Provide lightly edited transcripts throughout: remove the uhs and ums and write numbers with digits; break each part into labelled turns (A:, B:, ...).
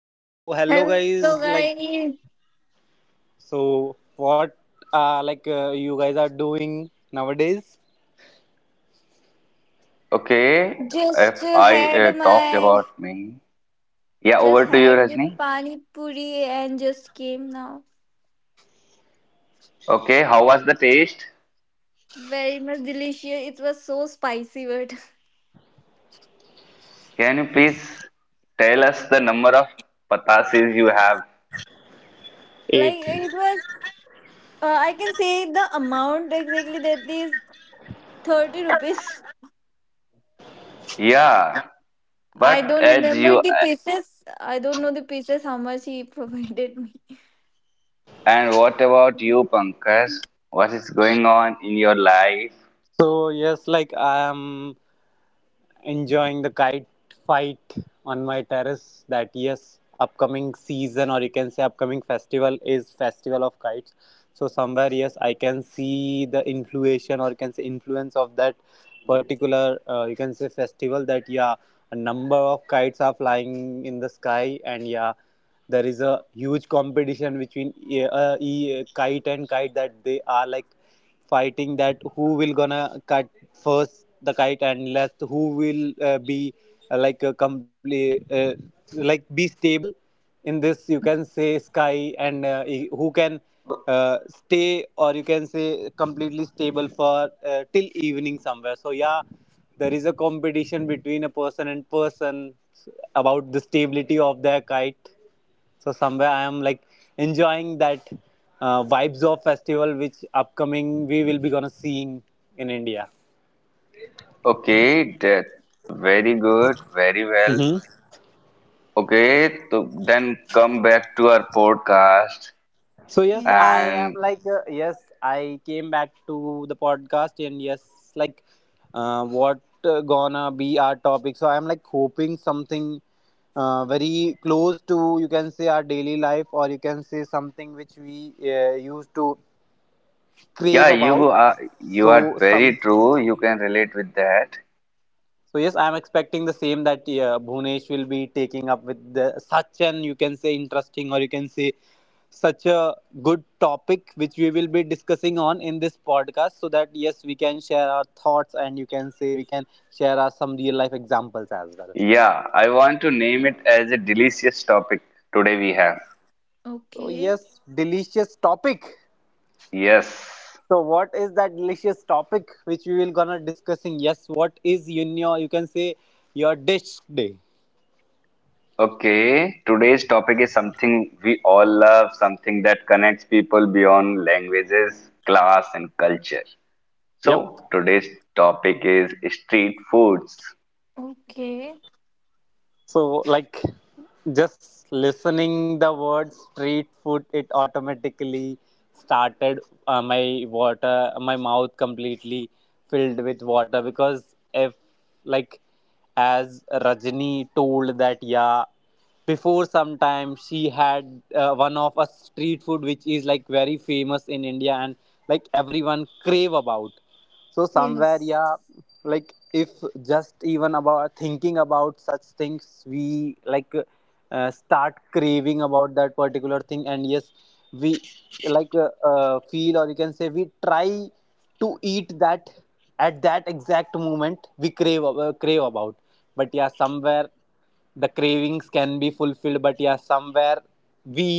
A: So hello
B: Hello
A: guys, like
B: guys,
A: so what like you guys are doing nowadays?
C: Okay,
B: just
C: if
B: uh,
C: I
B: had
C: talk
B: my
C: about me, yeah,
B: just
C: over to you
B: had the
C: Rajni.
B: pani puri and just came now.
C: Okay, how was the taste?
B: Very much delicious. It was so spicy, but
C: Can you please tell us the number of patasis you have?
B: like
A: Eight.
B: it was. I can say the amount exactly, that is 30 rupees.
C: Yeah,
B: I don't
C: but as
B: remember the
C: you
B: pieces. I don't know the pieces, how much he provided me.
C: and what about you Pankaj? What is going on in your life?
A: So yes, like I am enjoying the kite fight on my terrace. That yes, upcoming season or you can say upcoming festival is festival of kites. So somewhere yes, I can see the influence or you can say influence of that particular you can say festival. That yeah, a number of kites are flying in the sky, and yeah, there is a huge competition between kite and kite, that they are like fighting that who will gonna cut first the kite, and last who will be like a complete like be stable in this you can say sky, and who can stay or you can say completely stable for till evening somewhere. So yeah, there is a competition between a person and person about the stability of their kite. So somewhere I am like enjoying that vibes of festival which upcoming we will be gonna seeing in India.
C: Okay, that very good, very well.
A: Hmm.
C: Okay, so then come back to our podcast.
A: So yes, I
B: Yes.
A: am
C: And
A: yes, I came back to the podcast, and yes, like what gonna be our topic. So I'm like hoping something very close to you can say our daily life, or you can say something which we used to crave
C: yeah, you
A: about.
C: are you are
A: So some
C: very true. You can relate with that.
A: So yes, I am expecting the same that yeah, Bhunesh will be taking up with the, such an you can say interesting, or you can say such a good topic which we will be discussing on in this podcast, so that yes, we can share our thoughts, and you can say we can share our some real life examples as well.
C: Yeah, I want to name it as a delicious topic today we have.
A: So
B: Okay.
A: yes, delicious topic.
C: Yes.
A: So what is that delicious topic which we will gonna discussing? Yes, what is in your you can say your dish day?
C: Okay, today's topic is something we all love, something that connects people beyond languages, class, and culture.
A: Yep.
C: So, today's topic is street foods.
B: Okay.
A: So, like, just listening the word street food, it automatically started my water, my mouth completely filled with water, because if, like, as Rajni told that, yeah, before some time she had one of a street food which is like very famous in India, and like everyone crave about. So somewhere
B: Yes.
A: yeah, like if just even about thinking about such things, we start craving about that particular thing. And yes, we feel, or you can say we try to eat that at that exact moment we crave about. But yeah somewhere, the cravings can be fulfilled, but yeah somewhere we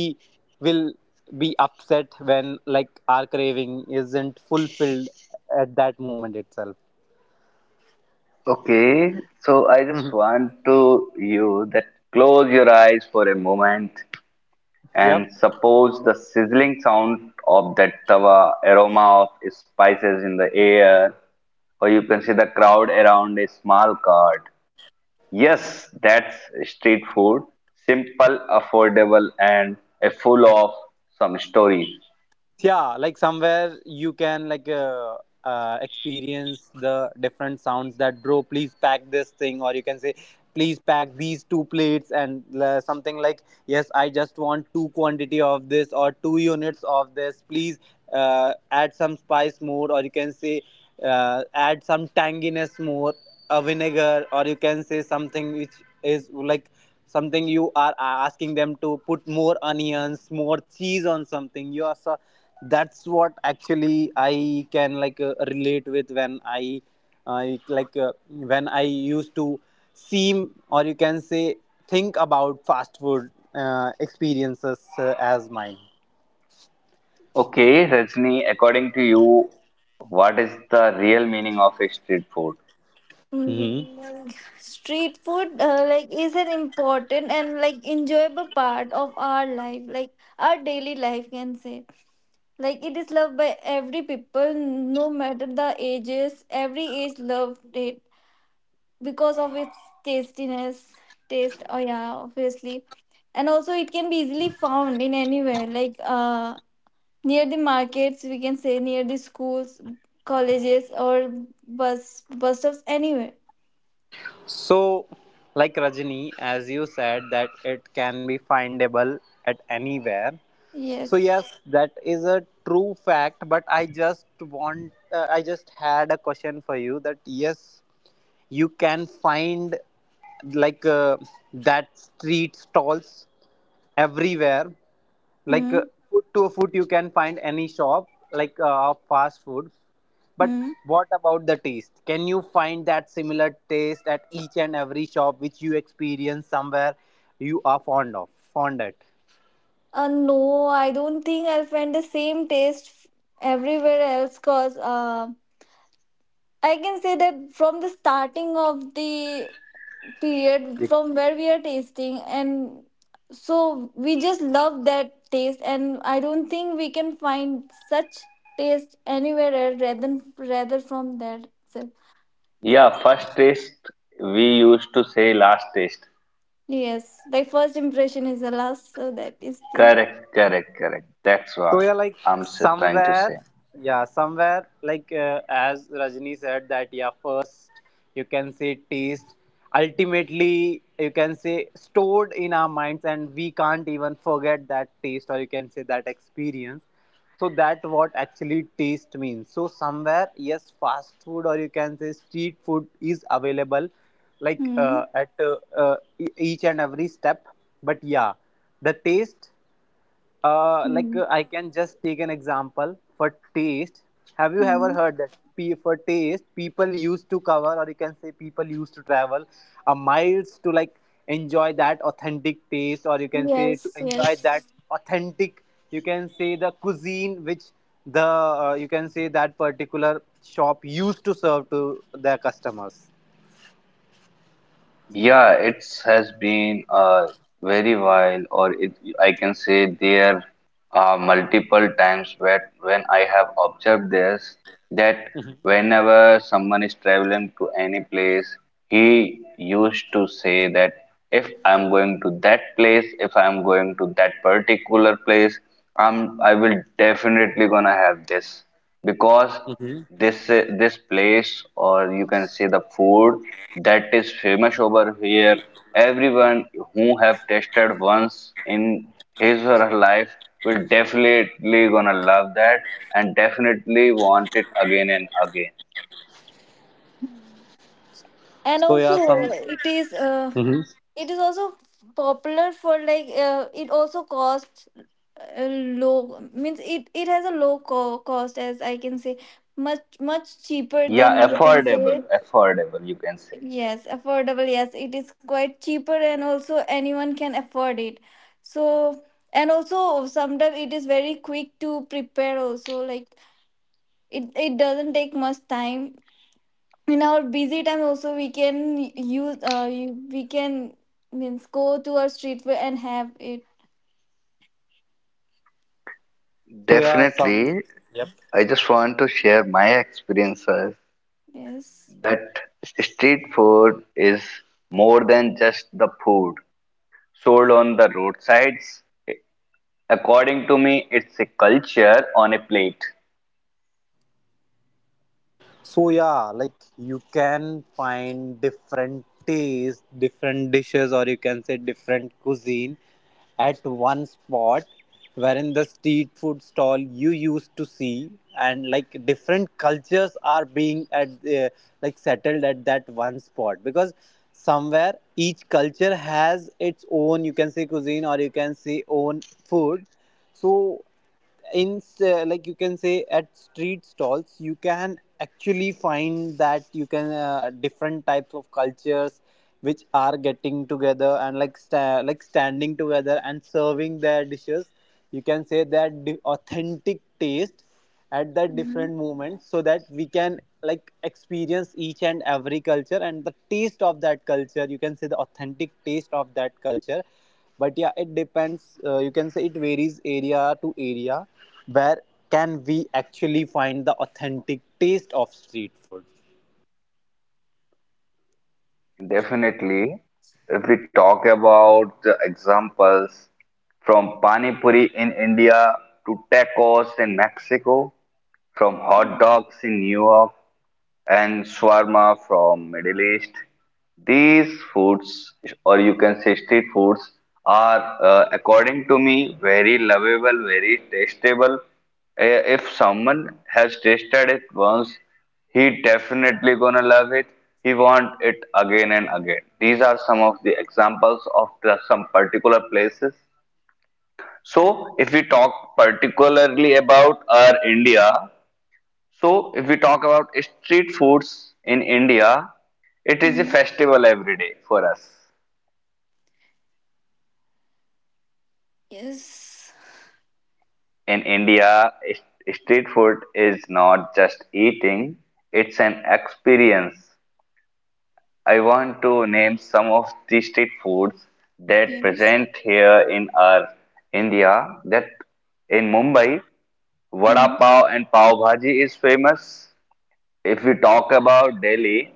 A: will be upset when like our craving isn't fulfilled at that moment itself.
C: Okay, so I just want to you that close your eyes for a moment
A: Yep.
C: and suppose the sizzling sound of that tawa, aroma of spices in the air, or you can see the crowd around a small cart. Yes, that's street food, simple, affordable, and a full of some stories.
A: Yeah, like somewhere you can experience the different sounds that bro please pack this thing, or you can say please pack these two plates, and something like yes, I just want two quantity of this or two units of this please. Add some spice more, or you can say add some tanginess more, a vinegar, or you can say something which is like something you are asking them to put more onions, more cheese on something you are. So that's what actually I can relate with when I like when I used to seem, or you can say think about fast food experiences as mine.
C: Okay, Rajni, according to you, what is the real meaning of a street food?
A: Hmm.
B: Like street food like is an important and like enjoyable part of our life, like our daily life, can say. Like it is loved by every people, no matter the ages, every age loved it, because of its tastiness, taste. Oh yeah, obviously. And also it can be easily found in anywhere, like near the markets, we can say near the schools, colleges, or bus stops, anywhere.
A: So like Rajani, as you said that it can be findable at anywhere. So
B: Yes.
A: yes, that is a true fact, but I just want I just had a question for you. That yes, you can find like uh, that street stalls everywhere, like uh,
B: Hmm.
A: foot to foot you can find any shop of fast food, but
B: Hmm.
A: what about the taste? Can you find that similar taste at each and every shop which you experience somewhere you are fond at?
B: No, I don't think I'll find the same taste everywhere else, because I can say that from the starting of the period, from where we are tasting, and so we just love that taste, and I don't think we can find such taste anywhere else, rather than rather from there itself.
C: Yeah, first taste, we used to say last taste.
B: Yes, like first impression is the last, so that is the.
C: Correct, correct, correct. That's what
A: So yeah, like
C: trying to
A: somewhere,
C: say.
A: yeah, somewhere as Rajni said that yeah, first you can say taste. Ultimately, you can say stored in our minds, and we can't even forget that taste, or you can say that experience. So that what actually taste means. So somewhere, yes, fast food, or you can say street food is available,
B: Hmm.
A: each and every step. But yeah, the taste
B: Hmm.
A: I can just take an example for taste. Have you ever
B: Hmm.
A: heard that for taste, people used to cover, or you can say people used to travel a miles to like enjoy that authentic taste, or you can say to
B: Yes,
A: enjoy that
B: yes.
A: authentic, you can say the cuisine which the you can say that particular shop used to serve to their customers.
C: Yeah, it has been a very while, or it, I can say there are multiple times where when I have observed this that whenever someone is traveling to any place, he used to say that if I'm going to that place, if I'm going to that particular place, I will definitely gonna have this because this place or you can say the food that is famous over here everyone who have tasted once in his or her life will definitely gonna love that and definitely want it again and again.
B: Hmm. And
A: So yeah,
B: also
A: some. Mhm.
B: it is also popular for, like, it also costs, low. Means it has a cost, as I can say, much much cheaper
C: Yeah,
B: than you can
C: affordable,
B: say.
C: affordable you can say.
B: Yes, affordable. Yes, it is quite cheaper, and also anyone can afford it, so. And also sometimes it is very quick to prepare also, like it doesn't take much time. In our busy time also, we can we can means go to our street and have it.
A: So yeah, some.
C: Definitely, I just want to share my experiences
B: Yes.
C: that street food is more than just the food sold on the roadsides. According to me, it's a culture on a plate.
A: So yeah, like you can find different tastes, different dishes, or you can say different cuisine at one spot, wherein the street food stall you used to see, and like different cultures are being at like settled at that one spot, because somewhere each culture has its own you can say cuisine, or you can say own food. So in like you can say at street stalls you can actually find that you can different types of cultures which are getting together and like standing together and serving their dishes, you can say that authentic taste at that
B: Mhm.
A: different moment, so that we can like experience each and every culture and the taste of that culture, you can say the authentic taste of that culture. But yeah, it depends, you can say it varies area to area where can we actually find the authentic taste of street food.
C: Definitely, if we talk about the examples, from pani puri in India to tacos in Mexico, from hot dogs in New York and shawarma from Middle East. These foods, or you can say street foods, are according to me very lovable, very tastable. If someone has tasted it once, he definitely gonna love it. He want it again and again. These are some of the examples of the, some particular places. So, if we talk particularly about our India, so, if we talk about street foods in India, it is a
B: Hmm.
C: festival every day for us.
B: Yes,
C: In India, street food is not just eating, it's an experience. I want to name some of the street foods that
B: yes.
C: present here in our India, that in Mumbai, vada
B: Hmm.
C: pav and pav bhaji is famous. If we talk about Delhi,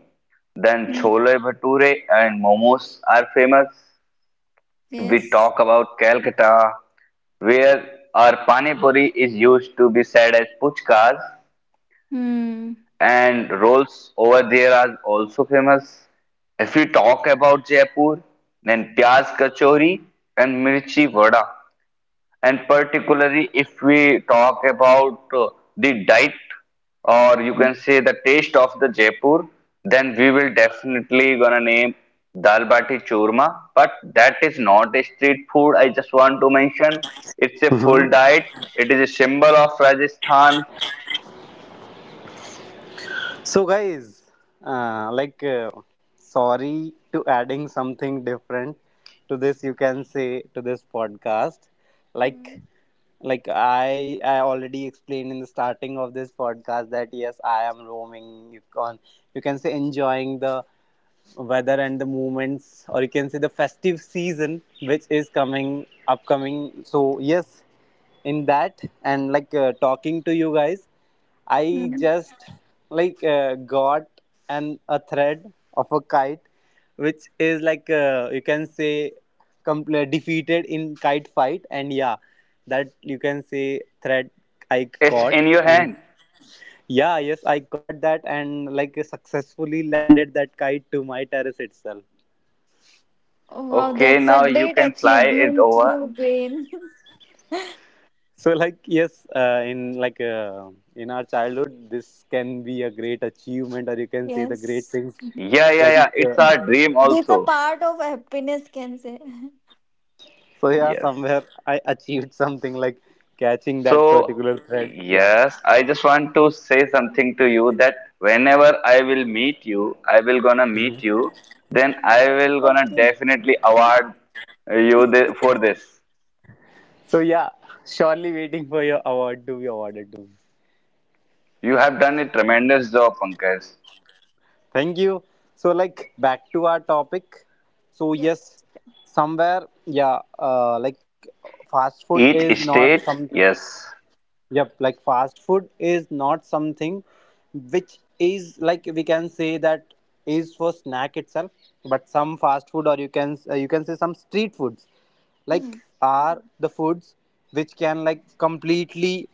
C: then
B: Hmm.
C: chole bhature and momos are famous. If we
B: Yes.
C: talk about Calcutta, where our pani puri is used to be said as puchkas,
B: Hmm.
C: and rolls over there are also famous. If we talk about Jaipur, then pyaz kachori and mirchi vada, and particularly if we talk about the diet or you
B: Hmm.
C: can say the taste of the Jaipur, then we will definitely gonna name dal bati churma. But that is not a street food. I just want to mention it's a
A: Hmm.
C: full diet. It is a symbol of Rajasthan.
A: So guys, uh, like, uh, sorry to adding something different to this. You can say to this podcast, like, like I already explained in the starting of this podcast that yes, I am roaming. You can say enjoying the weather and the movements, or you can say the festive season which is coming upcoming. So yes, in that and talking to you guys I
B: Hmm.
A: just got an a thread of a kite, which is you can say defeated in kite fight, and yeah, that you can say thread
C: It's
A: I
C: in your
A: caught,
C: hand.
A: and yeah, yes, I caught that, and like successfully landed that kite to my terrace itself.
B: Oh, wow,
C: Okay,
B: that's a
C: now you
B: great
C: can fly it
B: achievement
C: over.
B: you gain.
A: So like yes, in our childhood, this can be a great achievement, or you can say the great
B: Yes,
A: things
C: Yeah, yeah,
A: like.
C: yeah. It's our dream
B: it's a
C: also.
B: part of happiness, can say.
A: So yeah,
C: Yes.
A: somewhere I achieved something like catching that
C: So,
A: particular thread. Yeah.
C: yes, I just want to say something to you that whenever I will meet you, I will gonna meet
A: Mhm.
C: you, then I will gonna
B: Okay.
C: definitely award you the, for this.
A: So yeah, surely waiting for your award to be awarded to me.
C: You have done a tremendous job, Pankaj.
A: Thank you. So like back to our topic. So
B: Yes.
A: yes, somewhere yeah, like fast food is
C: Each
A: not some
C: state, yes,
A: Yep, like fast food is not something which is like we can say that is for snack itself, but some fast food, or you can say some street foods like
B: Hmm.
A: are the foods which can like completely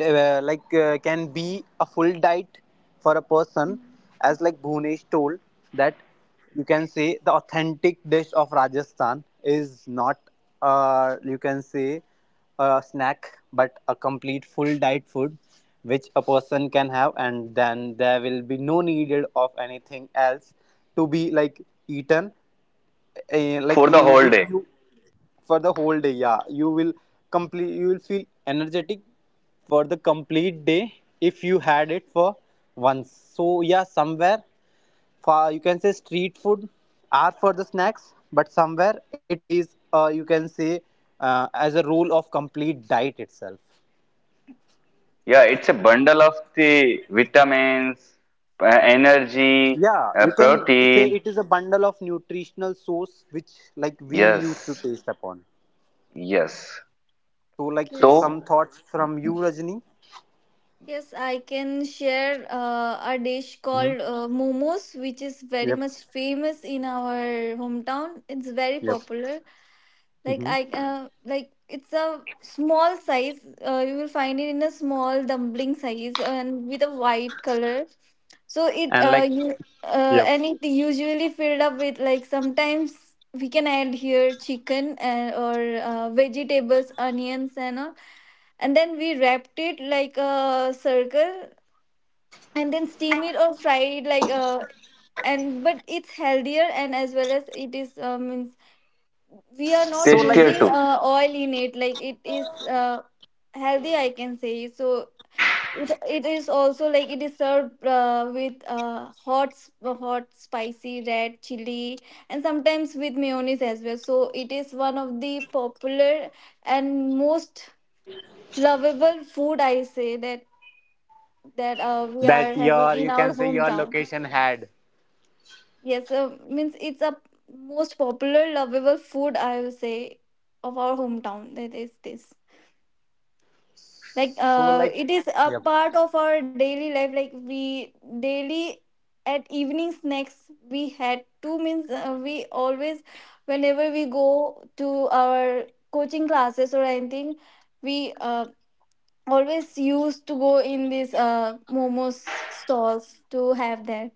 A: can be a full diet for a person.
B: Hmm.
A: As like Bhunesh told that you can say the authentic dish of Rajasthan is not you can say a snack, but a complete full diet food which a person can have, and then there will be no needed of anything else to be like eaten. Eh, like
C: for
A: in
C: the whole
A: if
C: day.
A: you For the whole day, yeah, you will complete you will feel energetic for the complete day if you had it for once. So yeah somewhere, for you can say street food are for the snacks, but somewhere it plays you can say as a role of complete diet itself.
C: Yeah, it's a bundle of the vitamins, energy,
A: Yeah, you can say
C: protein.
A: it is a bundle of nutritional source which like we used to
C: Yes,
A: taste upon.
C: yes.
A: So like
B: Yes.
A: some
C: So,
A: thoughts from you, Rajni.
B: Yes, I can share a dish called momos, which is very
A: Yep.
B: much famous in our hometown. It's very
A: Yep.
B: popular. Like
A: Hmm.
B: like it's a small size. You will find it in a small dumpling size and with a white color. So it,
A: And like,
B: you,
A: Yep.
B: and it usually filled up with, like, sometimes we can add here chicken and or vegetables, onions and all, and then we wrapped it like a circle, and then steam it or fry it, like and but it's healthier, and as well as it is, means we are not
A: So like
C: tastier
B: using
C: too.
B: oil in it, like it is healthy, I can say. So it is also, like, it is served with hot spicy red chili, and sometimes with mayonnaise as well. So it is one of the popular and most lovable food I say, that we are
A: that
B: having
A: your,
B: in
A: you
B: our
A: can say your
B: hometown.
A: location had.
B: Yes, means it's a most popular lovable food, I will say, of our hometown. That is this. Like
A: So like,
B: it is a
A: Yep.
B: part of our daily life. Like we daily at evening snacks we had two, means we always, whenever we go to our coaching classes or anything, we always used to go in these momos stalls to have that.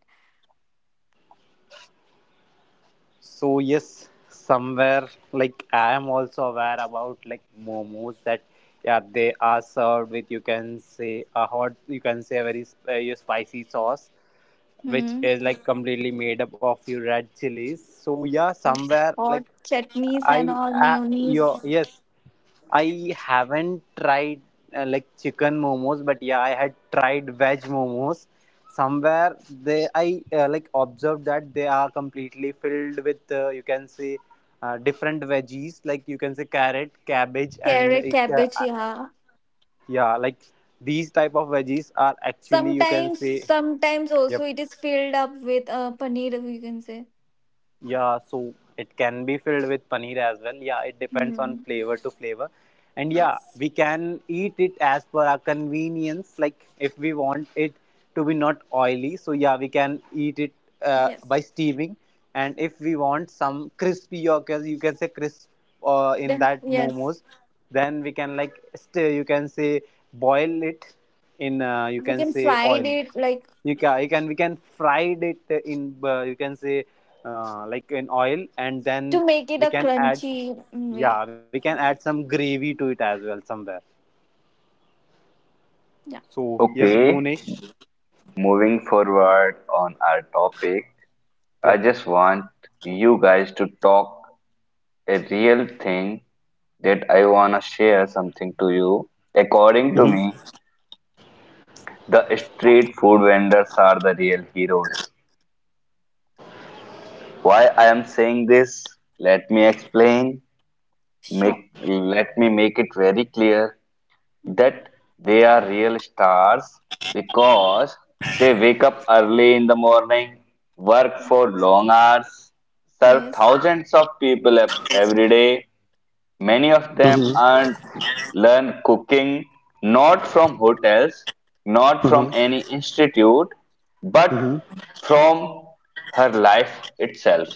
A: So yes, somewhere like I am also aware about like momos, that yeah they are served with you can say a hot you can say a very spicy sauce which
B: Hmm.
A: is like completely made up of your red chilies. So yeah,
B: Yes,
A: somewhere
B: hot
A: like
B: chutneys
A: I
B: and all,
A: your
B: mayonnaise,
A: yes I haven't tried like chicken momos, but yeah, I had tried veg momos. Somewhere they, I like observed that they are completely filled with you can say different veggies, like you can say carrot, cabbage, and
B: carrot,
A: like, uh,
B: cabbage,
A: uh,
B: yeah.
A: yeah, like these type of veggies are actually you can
B: Sometimes,
A: say
B: sometimes
A: Yep.
B: also it is filled up with paneer, you can say.
A: Yeah. So it can be filled with paneer as well. Yeah, it depends on
B: Mm.
A: flavor to flavor. And yeah,
B: Yes,
A: we can eat it as per our convenience. Like if we want it to be not oily, so yeah, we can eat it by
B: yes.
A: steaming. And if we want some crispy or you can say crisp in
B: Then
A: that
B: yes,
A: momos, then we can like you can say boil it in you
B: you
A: can
B: can
A: say
B: fry
A: oil.
B: it, like,
A: You can we can fried it in you can say like in oil, and then
B: to make it
A: we
B: a
A: can add,
B: crunchy way.
A: yeah, we can add some gravy to it as well somewhere.
B: Yeah.
A: So yes,
C: Okay.
A: Bhunesh.
C: Moving forward on our topic, I
A: Yep.
C: just want you guys to talk a real thing that I wanna share something to you. According to
B: Yes.
C: me,
A: Mm-hmm.
C: the street food vendors are the real heroes. Why I am saying this? Let me explain.
B: Sure.
C: Make let me make it very clear,
B: Mhm.
C: that they are real stars because they wake up early in the morning, work for
B: Yes.
C: long hours, serve
B: Yes.
C: thousands of people every day. Many of them earn, learn cooking not from hotels, not from
A: Mm-hmm.
C: any institute, but
A: Mm-hmm.
C: from her life itself.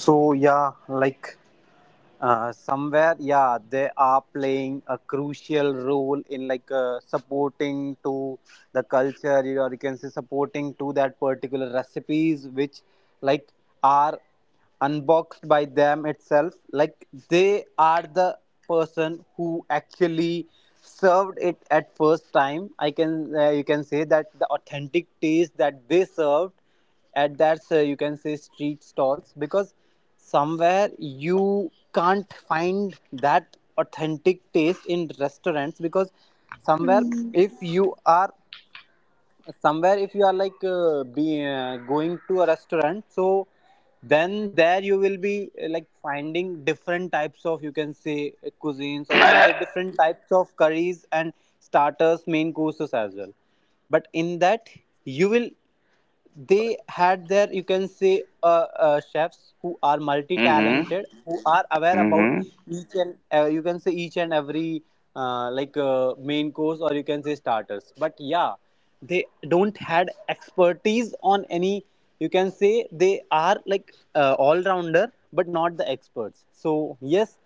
A: So yeah, like. Somewhere yeah, they are playing a crucial role in like supporting to the culture or you can say supporting to that particular recipes which like are unboxed by them itself. Like they are the person who actually served it at first time. I can you can say that the authentic taste that they served at that you can say street stalls, because somewhere you can't find that authentic taste in restaurants. Because somewhere
B: Mm.
A: if you are, somewhere if you are like be going to a restaurant, so then there you will be like finding different types of, you can say, cuisines, or you can say different types of curries and starters, main courses as well. But in that, you will, they had their, you can say, chefs who are
C: Hmm.
A: multi-talented, who are aware about
C: Hmm.
A: each and, you can say, each and every main course, or you can say starters. But yeah, they don't had expertise on any, you can say, they are like all rounder, but not the experts. So yes,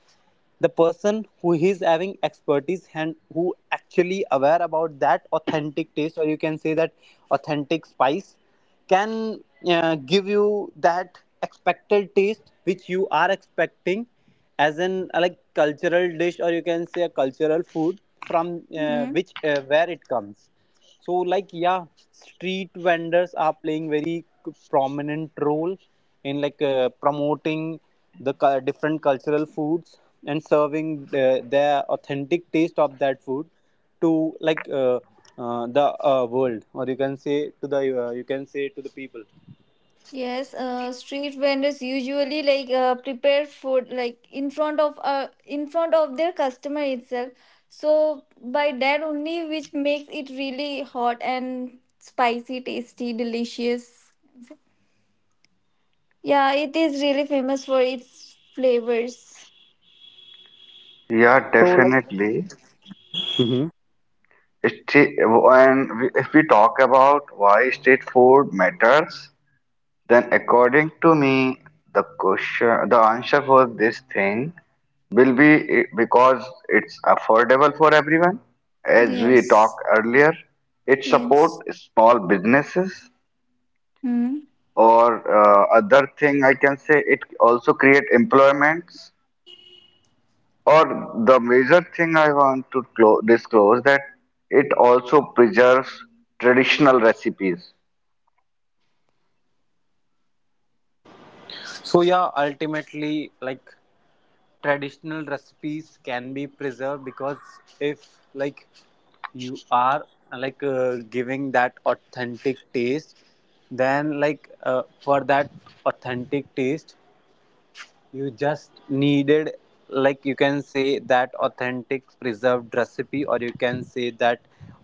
A: the person who is having expertise and who actually aware about that authentic taste, or you can say that authentic spice, can give you that expected taste which you are expecting as in like cultural dish, or you can say a cultural food from which where it comes. So like yeah, street vendors are playing very prominent role in like promoting the different cultural foods, and serving the, their authentic taste of that food to like the world, or you can say to the, you can say to the people.
B: Yes, street vendors usually, like, prepare food like in front of, in front of their customer itself. So by that only, which makes it really hot and spicy, tasty, delicious. Yeah, it is really famous for its flavors.
A: So like Mhm.
C: And if we talk about why street food matters, then the question, the answer for this thing will be because it's affordable for everyone. As we
B: Yes,
C: talked earlier, it support
B: yes.
C: small businesses,
B: Hmm.
C: or other thing I can say it also create employments. Or the major thing I want to disclose, that it also preserves traditional recipes.
A: So yeah, ultimately like traditional recipes can be preserved, because if like you are like giving that authentic taste, then like for that authentic taste, you just needed, like, you can say that authentic preserved recipe, or you can say that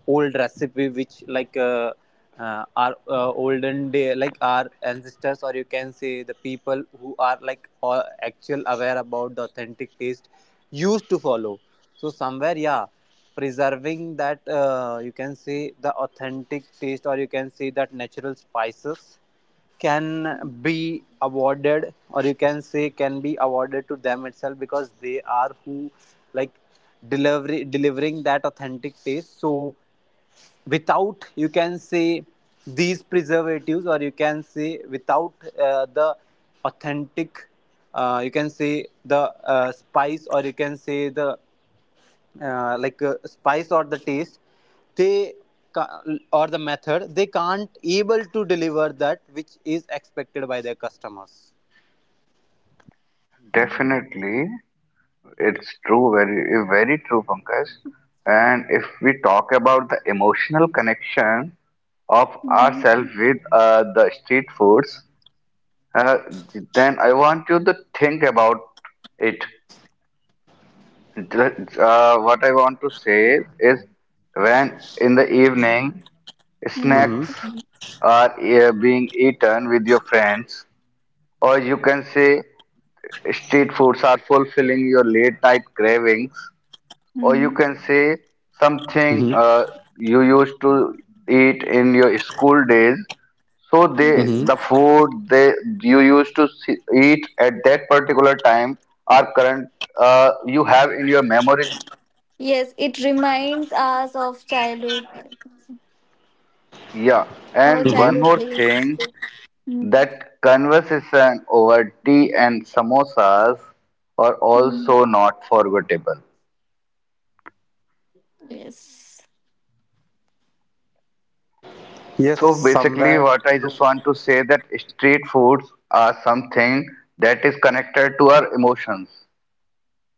A: old recipe, which, our olden day, like our ancestors, or you can say the people who are like actual aware about the authentic taste, used to follow. So, somewhere, yeah, preserving that you can say the authentic taste, or you can say that natural spices, can be awarded, or you can say can be awarded to them itself, because they are who like delivery delivering that authentic taste. So without, you can say, these preservatives, or you can say without the authentic you can say the spice, or you can say the spice or the taste, they ca- or the method, they can't able to deliver that which is expected by their customers.
C: Definitely, it's true, very, very true, Pankaj. And if we talk about the emotional connection of
B: Mm-hmm.
C: ourselves with the street foods, uh, then I want you to think about it. What I want to say is, when in the evening
A: Mm-hmm.
C: snacks are being eaten with your friends, or you can say street foods are fulfilling your late night cravings, or you
B: Mm-hmm.
C: can say something
A: Mm-hmm.
C: you used to eat in your school days, so they
A: Mm-hmm.
B: Yes.
C: the food they you used to see, eat at that particular time are current, you have in your memories.
B: Yes, it reminds us of childhood,
C: Yeah,
B: our
C: and one
A: Mm-hmm.
B: childhood
C: more
B: days.
C: thing,
B: Mm.
C: that conversation over tea and samosas are
B: Mm.
C: also not forgettable.
B: Yes,
A: Yes,
C: So basically,
A: somewhere
C: what I
A: true.
C: just want to say that street foods are something that is connected to our emotions,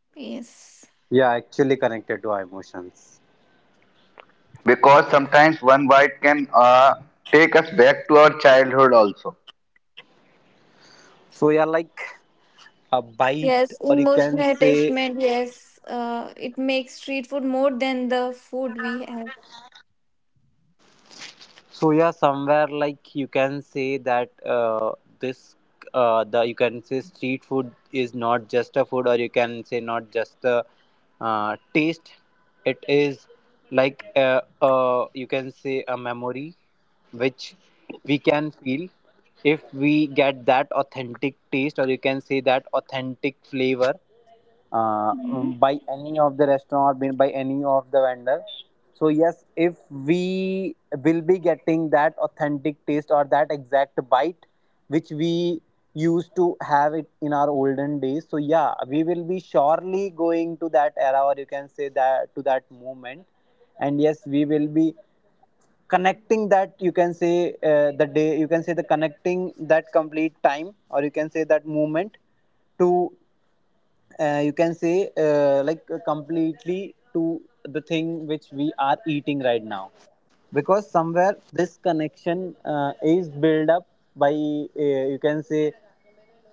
B: yes,
A: Yeah, actually connected to our emotions.
C: because sometimes one bite can take us back to our childhood also.
A: So yeah, like a bite,
B: yes.
A: or you can
B: Emotional
A: say.
B: attachment. Yes, it makes street food more than the food we have.
A: So yeah, somewhere like you can say that this the you can say street food is not just a food, or you can say not just the taste. It is like you can say a memory which we can feel if we get that authentic taste, or you can say that authentic flavor by any of the restaurant or by any of the vendor. So yes, if we will be getting that authentic taste or that exact bite which we used to have it in our olden days, so yeah, we will be surely going to that era, or you can say that to that moment. And yes, we will be connecting that, you can say, the day, you can say the, connecting that complete time, or you can say that moment, to you can say completely to the thing which we are eating right now. Because somewhere this connection is built up by, you can say,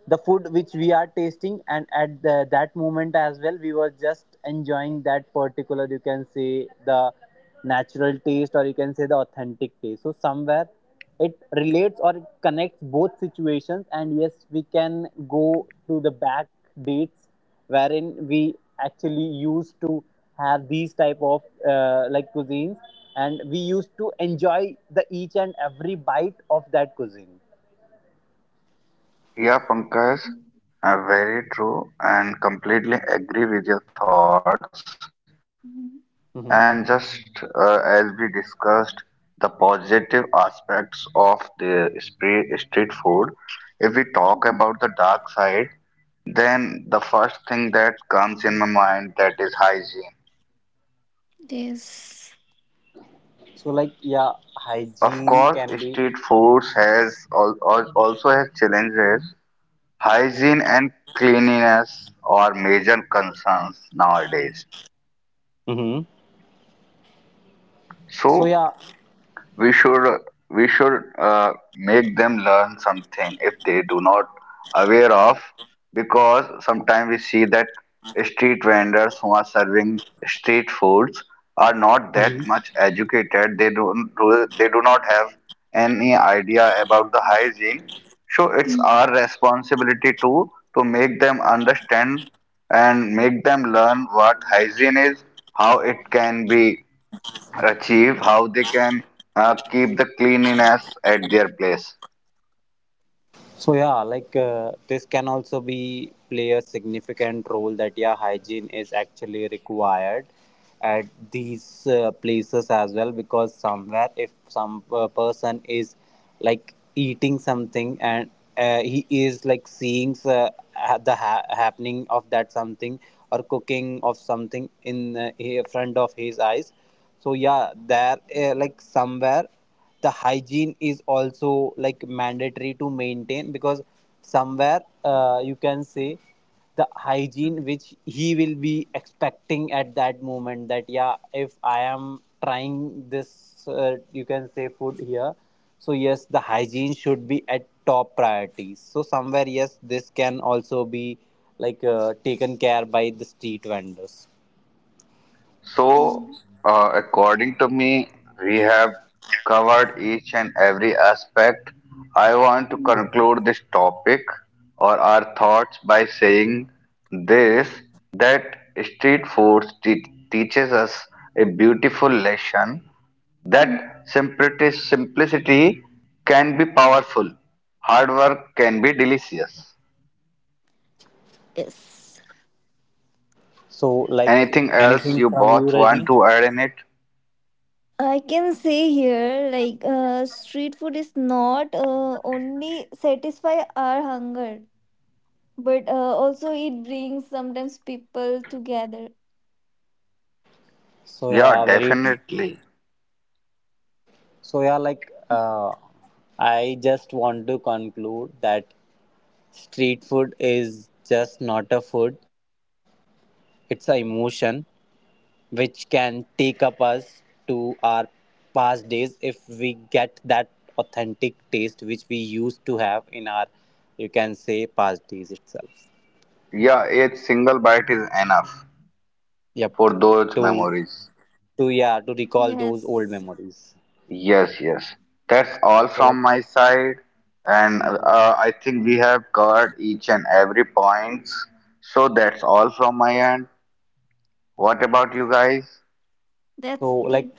A: the food which we are tasting. And at the, that moment as well, we were just enjoying that particular, you can say, the natural taste, or you can say the authentic taste. So somewhere it relates, or it connects both situations, and yes, we can go to the back dates wherein we actually used to have these type of like cuisines, and we used to enjoy the each and every bite of that cuisine.
C: Yeah, Pankaj, very true, and completely agree with your thoughts.
B: Mhm.
C: And
A: Mm-hmm.
C: just as we discussed the positive aspects of the street food, if we talk about the dark side, then the first thing that comes in my mind that is hygiene.
B: Yes.
A: So like yeah,
C: Of
A: hygiene
C: course,
A: can be.
C: street foods has also has challenges. Hygiene and cleanliness are major concerns nowadays.
A: Mm-hmm. So
C: So
A: yeah.
C: we should we should make them learn something if they do not aware of, because sometimes we see that street vendors who are serving street foods are not that
A: Mm-hmm.
C: much educated. They do, do they do not have any idea about the hygiene. So it's our
B: Mm,
C: responsibility to make them understand and make them learn what hygiene is, how it can be achieve, how they can keep the cleanliness at their place.
A: So yeah, like this can also be play a significant role that yeah, hygiene is actually required at these places as well. Because somewhere if some person is like eating something and he is like seeing the happening of that something, or cooking of something in front of his eyes, so yeah, there like somewhere the hygiene is also like mandatory to maintain. Because somewhere, you can say, the hygiene which he will be expecting at that moment, that yeah, if I am trying this you can say food here, so yes, the hygiene should be at top priority. So somewhere yes, this can also be like taken care by the street vendors.
B: mm,
C: So, according to me, we have covered each and every aspect. I want to
B: mm,
C: conclude this topic or our thoughts by saying this, that street food teaches us a beautiful lesson, that
B: mm.
C: simplicity can be powerful, hard work can be delicious.
B: Yes.
A: So, like
C: Anything else
A: anything
C: you
A: from you,
C: both want
A: Rajni?
C: to add in it?
B: I can say here, like, street food is not only satisfy our hunger, but also it brings sometimes people together.
A: So,
C: Yeah,
A: yeah, very.
C: definitely.
A: So, yeah, like, I just want to conclude that street food is just not a food, it's an emotion which can take up us to our past days, if we get that authentic taste which we used to have in our, you can say, past days itself.
C: Yeah, a single bite is enough
A: Yep.
C: for those
A: To,
C: memories.
A: to, yeah, to recall those old
B: Yes.
A: memories.
C: Yes, yes. That's all
A: So, like,
C: from my side. And
A: mm.
C: I think we have covered each and every point. So that's all from my end. What about you guys?
A: So
B: That's
A: like
B: it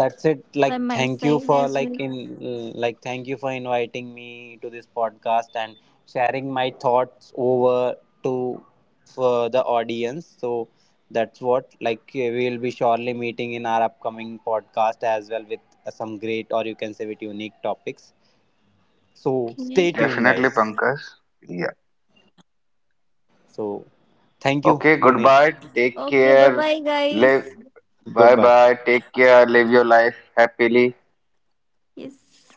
A: that's it.
B: by
A: Like
B: my
A: thank you
B: side
A: for
B: as
A: like
B: well.
A: in, like thank you for inviting me to this podcast and sharing my thoughts over to, for the audience. So that's what, like we will be surely meeting in our upcoming podcast as well with some great, or you can say, with unique topics. So stay
B: Okay.
A: tuned,
C: Definitely,
A: guys.
C: Pankaj. Yeah.
A: So thank you,
C: Okay,
A: Bunish.
C: goodbye. Take
B: Okay. Bye
C: care.
B: bye, guys.
C: Live. Bye
A: Goodbye.
C: bye. Take care. Live your life happily.
B: Yes.